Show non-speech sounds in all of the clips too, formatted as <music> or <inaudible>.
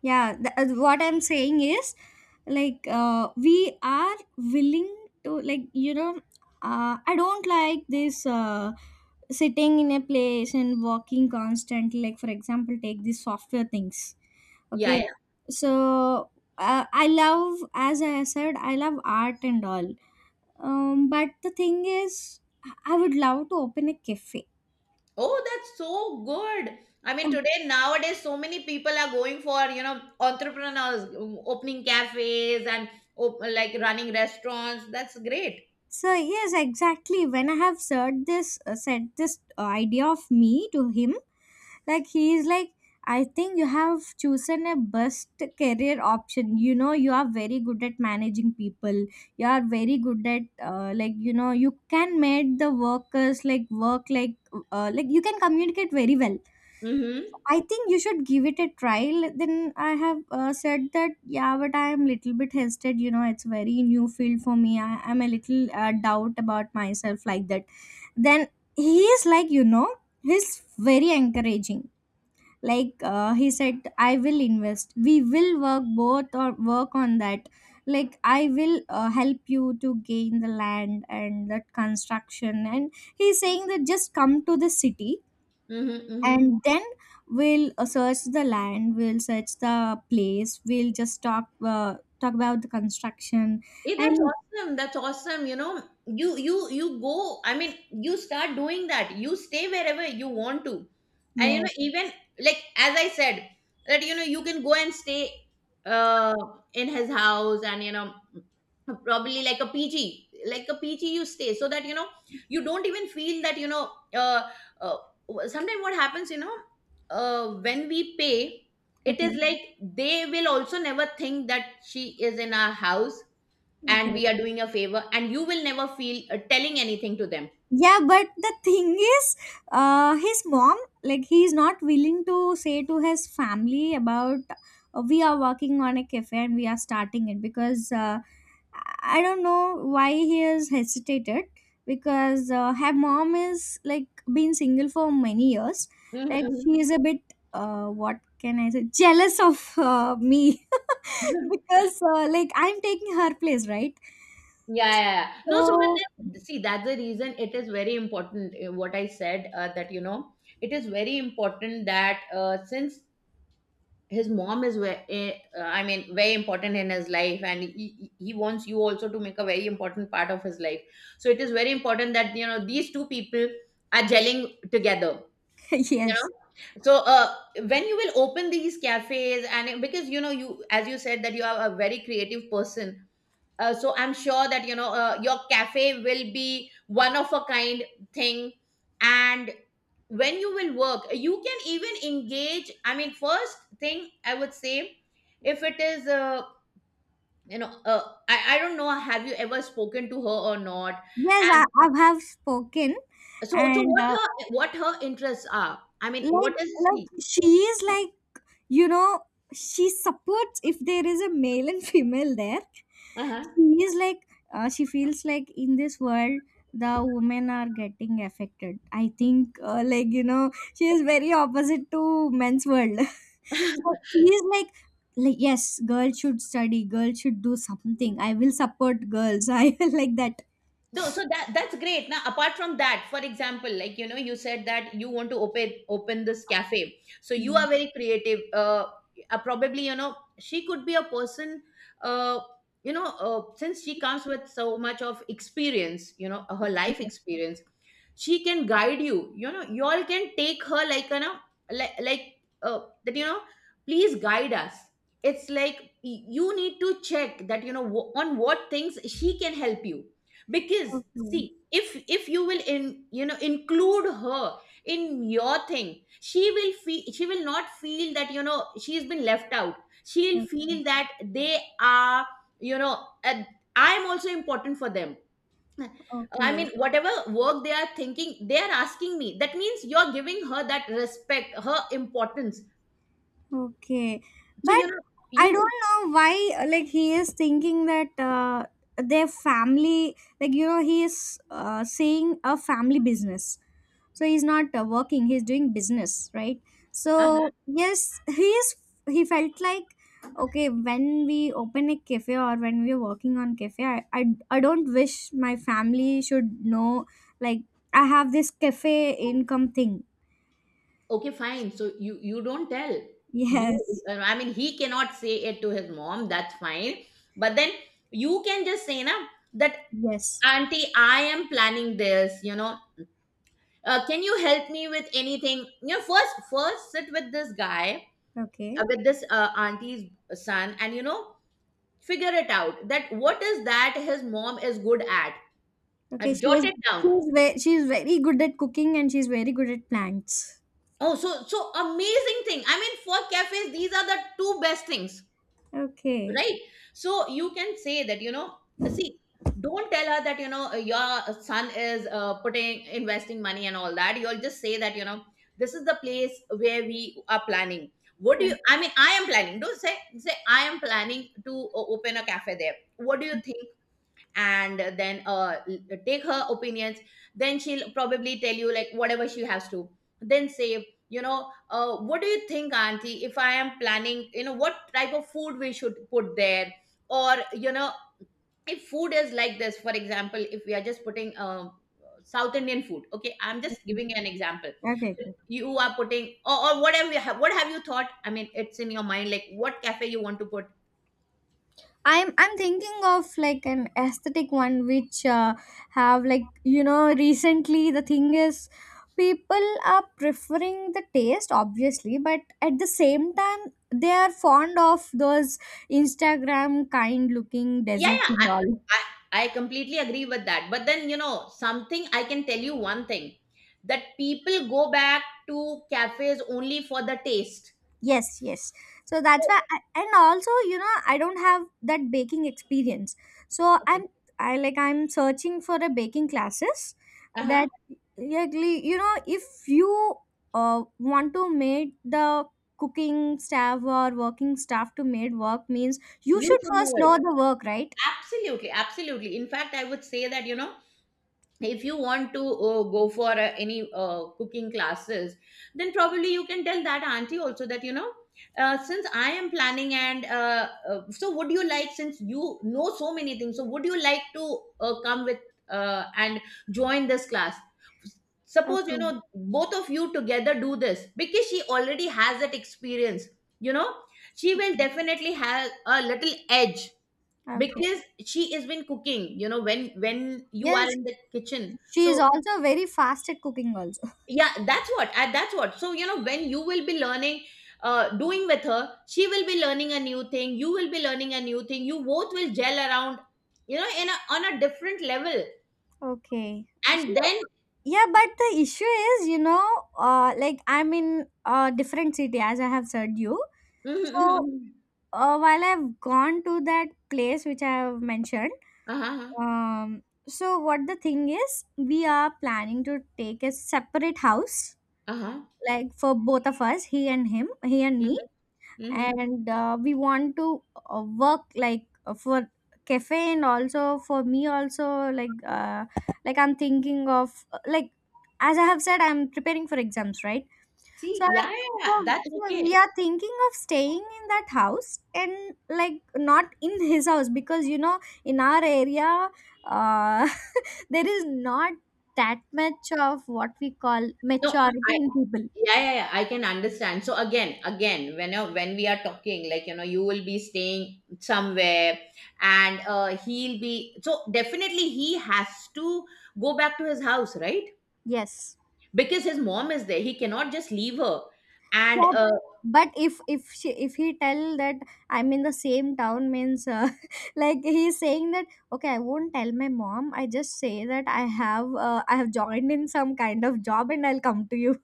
Yeah, what I'm saying is, like, we are willing to, like, I don't like this, sitting in a place and walking constantly, like, for example, take these software things. Yeah, Okay. yeah. So, I love, as I said, I love art and all. But the thing is, I would love to open a cafe. Oh, that's so good. I mean, today, nowadays, so many people are going for, entrepreneurs, opening cafes and like running restaurants. That's great. So yes, exactly. When I have said this, idea of me to him, like, he is like, I think you have chosen a best career option. You are very good at managing people. You are very good at, like, you can make the workers, like, work, like, like, you can communicate very well. Mm-hmm. I think you should give it a trial. Then I have said that, yeah, but I am little bit hesitant. You know, it's very new field for me. I am a little doubt about myself, like that. Then he is like, he's very encouraging. Like, he said, I will invest. We will work both or work on that. Like, I will help you to gain the land and that construction. And he's saying that just come to the city, Mm-hmm. Mm-hmm. and then we'll search the land, we'll search the place, we'll just talk about the construction. Hey, that's And. awesome. That's awesome. You know, you go. I mean, you start doing that. You stay wherever you want to, and you Yes. know, even like as I said, that you know, you can go and stay uh in his house, and you know, probably like a PG, like a PG, you stay so that you know you don't even feel that you know. Uh Sometimes what happens, you know, when we pay, it is Okay. like they will also never think that she is in our house, and Okay. we are doing a favor, and you will never feel telling anything to them. Yeah, but the thing is, His mom, like, he's not willing to say to his family about, we are working on a cafe, and we are starting it, because I don't know why he has hesitated, because her mom is, like, been single for many years. Mhm, Like, mhm. she is a bit, what can I say, jealous of, me, <laughs> <laughs> because like, I'm taking her place, right? Yeah, yeah, yeah. No, so but So, <laughs> then, see, that's the reason it is very important. What I said, that you know, it is very important that, since his mom is very, I mean, very important in his life, and he wants you also to make a very important part of his life. So it is very important that you know these two people are gelling together. You know, yes. so when you will open these cafes, and because you know, you, as you said, that you are a very creative person, so I'm sure that you know your cafe will be one of a kind thing. And when you will work, you can even engage. I mean, first thing I would say, if it is, you know uh, I don't know, have you ever spoken to her or not? Yes, I, And I have spoken. so, so And, what her, what her interests are, I mean, what like, is she? she is like, you know she supports if there is a male and female there. Uh-huh. She is like, she feels like, in this world, the women are getting affected, I think. Like, she is very opposite to men's world. <laughs> So she is like, yes, girls should study, girls should do something, I will support girls, <laughs> I will, like that. No, so that that's great. Now, apart from that, for example, like you know, you said that you want to open this cafe. So you are Yes, very creative. Probably you know she could be a person. Uh, since she comes with so much of experience, you know, her life yes. experience, she can guide you. You know, you all can take her like you know, like like that. You know, please guide us. It's like you need to check that you know on what things she can help you, because Okay. see, if you will, in you know, include her in your thing, she will feel, she will not feel that you know she's been left out. She'll feel Okay. that they are, you know, I'm also important for them. I Okay. mean, whatever work they are thinking, they are asking me, that means you're giving her that respect, her importance. Okay. So But you know, I you could don't know why, like, he is thinking that, their family, like, you know, he is saying a family business. So he's not working, he's doing business, right? So, yes, he is, he felt like, okay, when we open a cafe or when we're working on cafe, I don't wish my family should know, like, I have this cafe income thing. Okay, fine. So you don't tell. <laughs> You Yes. I mean, he cannot say it to his mom, that's fine. But then you can just say na that Yes. auntie, I am planning this, you know. Can you help me with anything? You know, first first sit with this guy, Okay. with this auntie's son, and you know, figure it out that what is that his mom is good at. Okay, she Jot is it down. she's very she's very good at cooking, and she's very good at plants. Oh, so so amazing thing. I mean, for cafes these are the two best things, Okay. right? So you can say that, you know, see, don't tell her that you know your son is putting investing money and all that. You'll just say that you know this is the place where we are planning. What do Okay. you, I mean, I am planning, don't say, say I am planning to open a cafe there, what do you think? And then take her opinions, then she'll probably tell you like whatever she has to. Then say, you know, what do you think, auntie, if I am planning, you know, what type of food we should put there, or you know, if food is like this, for example, if we are just putting south indian food, okay, I'm just giving you an example. Okay. Cool. You are putting, or whatever you have, what have you thought, I mean, it's in your mind, like what cafe you want to put. I'm thinking of, like, an aesthetic one, which have, like, recently the thing is, people are preferring the taste obviously, but at the same time, they are fond of those Instagram kind looking Yeah, deserts yeah, and all. I completely agree with that. But then, you know, something I can tell you one thing, that people go back to cafes only for the taste. Yes, yes. So that's So, why, I, and also, you know, I don't have that baking experience. So I'm, okay. I like, I'm searching for a baking classes Uh-huh. that, like, you know, if you want to make the cooking staff or working staff to made work means you You should should first know know it. the work, right? Absolutely, absolutely. In fact, I would say that, you know, if you want to go for any cooking classes, then probably you can tell that auntie also that you know, since I am planning, and so would you like, since you know so many things, so would you like to come with and join this class? Suppose, you Okay. know, both of you together do this, because she already has that experience, you know, she will Okay. definitely have a little edge Okay. because she has been cooking, you know, when you Yes, are in the kitchen. she So is also very fast at cooking also. yeah, that's what, that's what. So you know, when you will be learning, doing with her, she will be learning a new thing, you will be learning a new thing, you both will gel around, you know, on a different level, Okay. So and then <laughs> yeah, but the issue is, you know, like, I'm in a different city, as I have said, you. Mhm, mhm, So mhm. While I've gone to that place which I have mentioned. Uh-huh. Um, so what the thing is, we are planning to take a separate house, Uh-huh. like, for both of us, he and him, he and Mhm, me. mhm. And we want to work, like, for cafe, and also for me also, like, like, I'm thinking of, like, as I have said, I'm preparing for exams, right? See, So I'm, yeah, yeah so, yeah, that's so okay. we are thinking of staying in that house, and, like, not in <laughs> his house, because you know in our area, uh, <laughs> there is not that much of what we call No, maturity in people. yeah yeah yeah, I can understand. So again when, when we are talking, like you know, you will be staying somewhere, and he'll be, so definitely he has to go back to his house, right? Yes. Because his mom is there, he cannot just leave her. And Yeah. But if he tell that, I'm in the same town, means <laughs> like he's saying that, okay, I won't tell my mom, I just say that I have joined in some kind of job, and I'll come to you.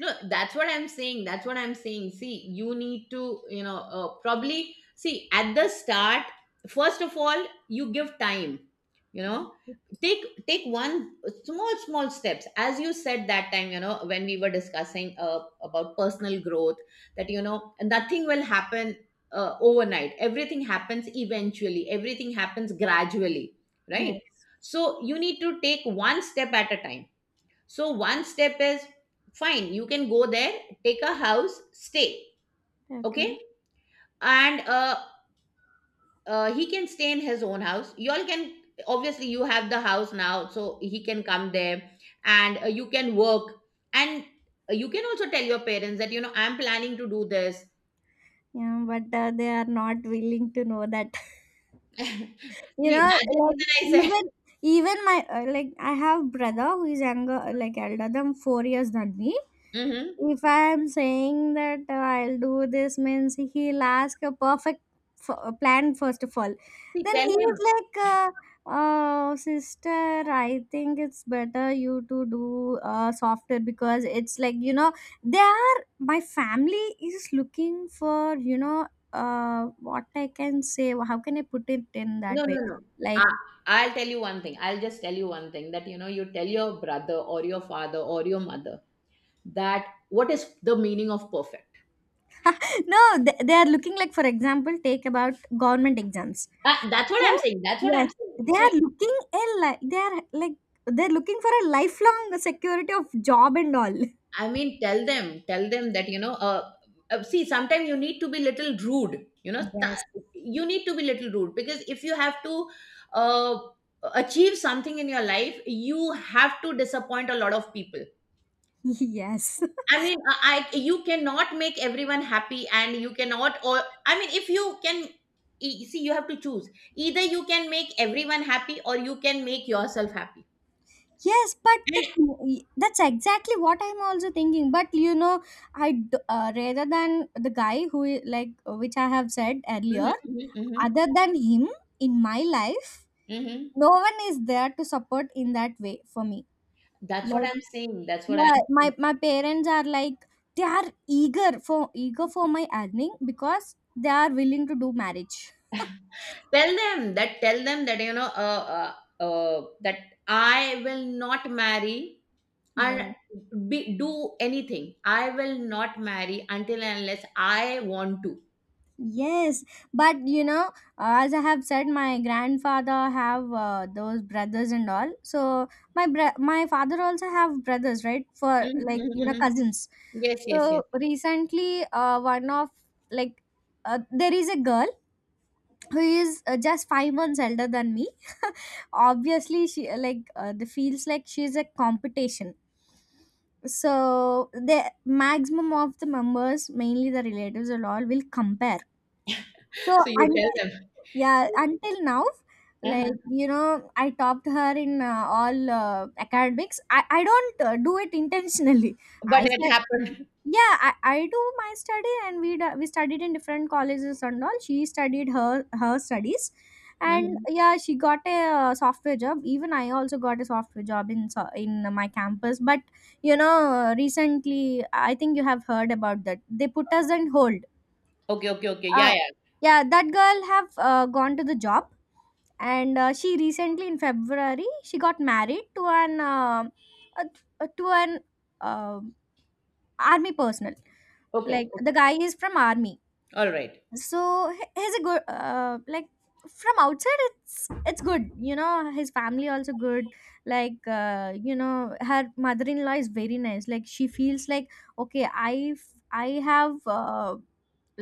No, that's what I'm saying. That's what I'm saying. See, you need to, you know, probably see at the start. First of all, you give time. You know, take one small steps. As you said that time, you know, when we were discussing about personal growth, that you know nothing will happen overnight. Everything happens eventually. Everything happens gradually, right? Yes. So you need to take one step at a time. So one step is fine. You can go there, take a house, stay. Okay. Okay, and he can stay in his own house. Y'all can, obviously you have the house now, so he can come there, and you can work, and you can also tell your parents that you know I'm planning to do this. Yeah, but they are not willing to know that. <laughs> <laughs> You See, know, that's the reason I like, said. even my like, I have brother who is younger, like, elder than 4 years than me. Hmm. If I'm saying that I'll do this, means he'll ask a perfect plan first of all. See, Then tell he was him. like, "Oh, sister, I think it's better you to do softer, because it's like, you know, they are, my family is looking for, you know, what I can say. How can I put it in No, that way? no, no. I, Like, I'll tell you one thing. I'll just tell you one thing, that you know, you tell your brother or your father or your mother that what is the meaning of perfect <laughs> no, they are looking, like, for example, take about government exams. That's what So, I'm saying. That's what I'm yes, saying. So, they are like they're looking for a lifelong security of job and all. I mean, tell them, that you know, see, sometimes you need to be little rude, you know, Yes, you need to be little rude, because if you have to uh, achieve something in your life, you have to disappoint a lot of people. <laughs> yes, I mean, you cannot make everyone happy, and you cannot. Or I mean, if you can, see, you have to choose. Either you can make everyone happy, or you can make yourself happy. yes. But the, that's exactly what I'm also thinking. But, you know, rather than the guy like which I have said Mhm, earlier, mhm, mhm, other than him in my life, mhm. no one is there to support in that way for me. That's what Like. I'm saying. That's what I'm Yeah, my saying. my parents are like, they are eager for my earning, because they are willing to do marriage. Tell them, that tell them that you know, that I will not marry, and Yeah. be, do anything. I will not marry until and unless I want to. Yes, but you know, as I have said, my grandfather have those brothers and all. So my father also have brothers, right? For, Mhm, like, mhm, you know, mhm. cousins. Yes, yes, So yes. recently, one of, like, there is a girl who is, just 5 months elder than me. Obviously she, like, the feels like she's a competition, so the maximum of the members, mainly the relatives and all, will compare, so So you tell until. them. Yeah, until now, like, Uh-huh. you know, I topped her in all academics. I don't do it intentionally. I But it said, happened. yeah, I do my study, and we studied in different colleges and all, she studied her studies. And Mhm. yeah, she got a software job, even I also got a software job in my campus. But you know, recently I think you have heard about that, they put us on hold. Okay, okay, okay. Yeah, uh, yeah. yeah, that girl have gone to the job. And she recently in February she got married to an uh, to an uh, army personnel. Like, Okay, the okay. guy is from army. All right. So he's a good, like, from outside it's good. You know, his family also good. Like, you know, her mother-in-law is very nice, like, she feels like, okay, I f- I have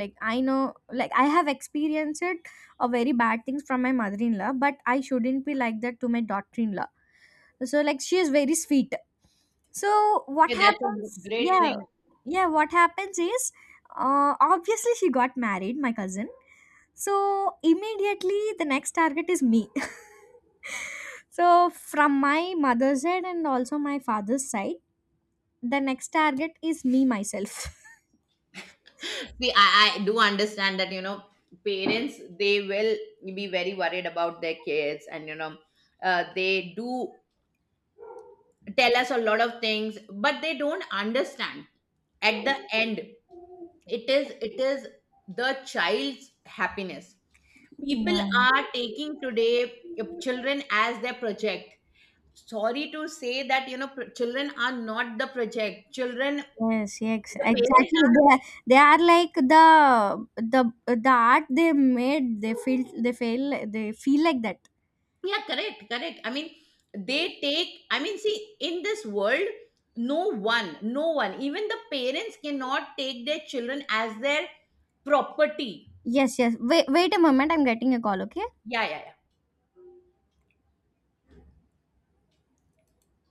like I know, like, I have experienced a very bad things from my mother-in-law, but I shouldn't be like that to my daughter-in-law. So, like, she is very sweet. So what Yeah, that's a happens, great yeah. thing. Yeah, what happens is, obviously she got married my cousin, so immediately the next target is me. <laughs> So from my mother's side and also my father's side, the next target is me myself. See, I do understand that, you know, parents, they will be very worried about their kids, and, you know, they do tell us a lot of things, but they don't understand. At the end, it is the child's happiness. <laughs> People Yeah. are taking today children as their project. Sorry to say that, you know, children are not the project. Children, Yes, yes, the parents exactly. They are, like the the art they made. They feel like that. Yeah, correct, correct. I mean, they take, I mean, see, in this world, no one, even the parents cannot take their children as their property. Yes, yes. Wait, wait a moment. I'm getting a call. Okay. Yeah, yeah, yeah.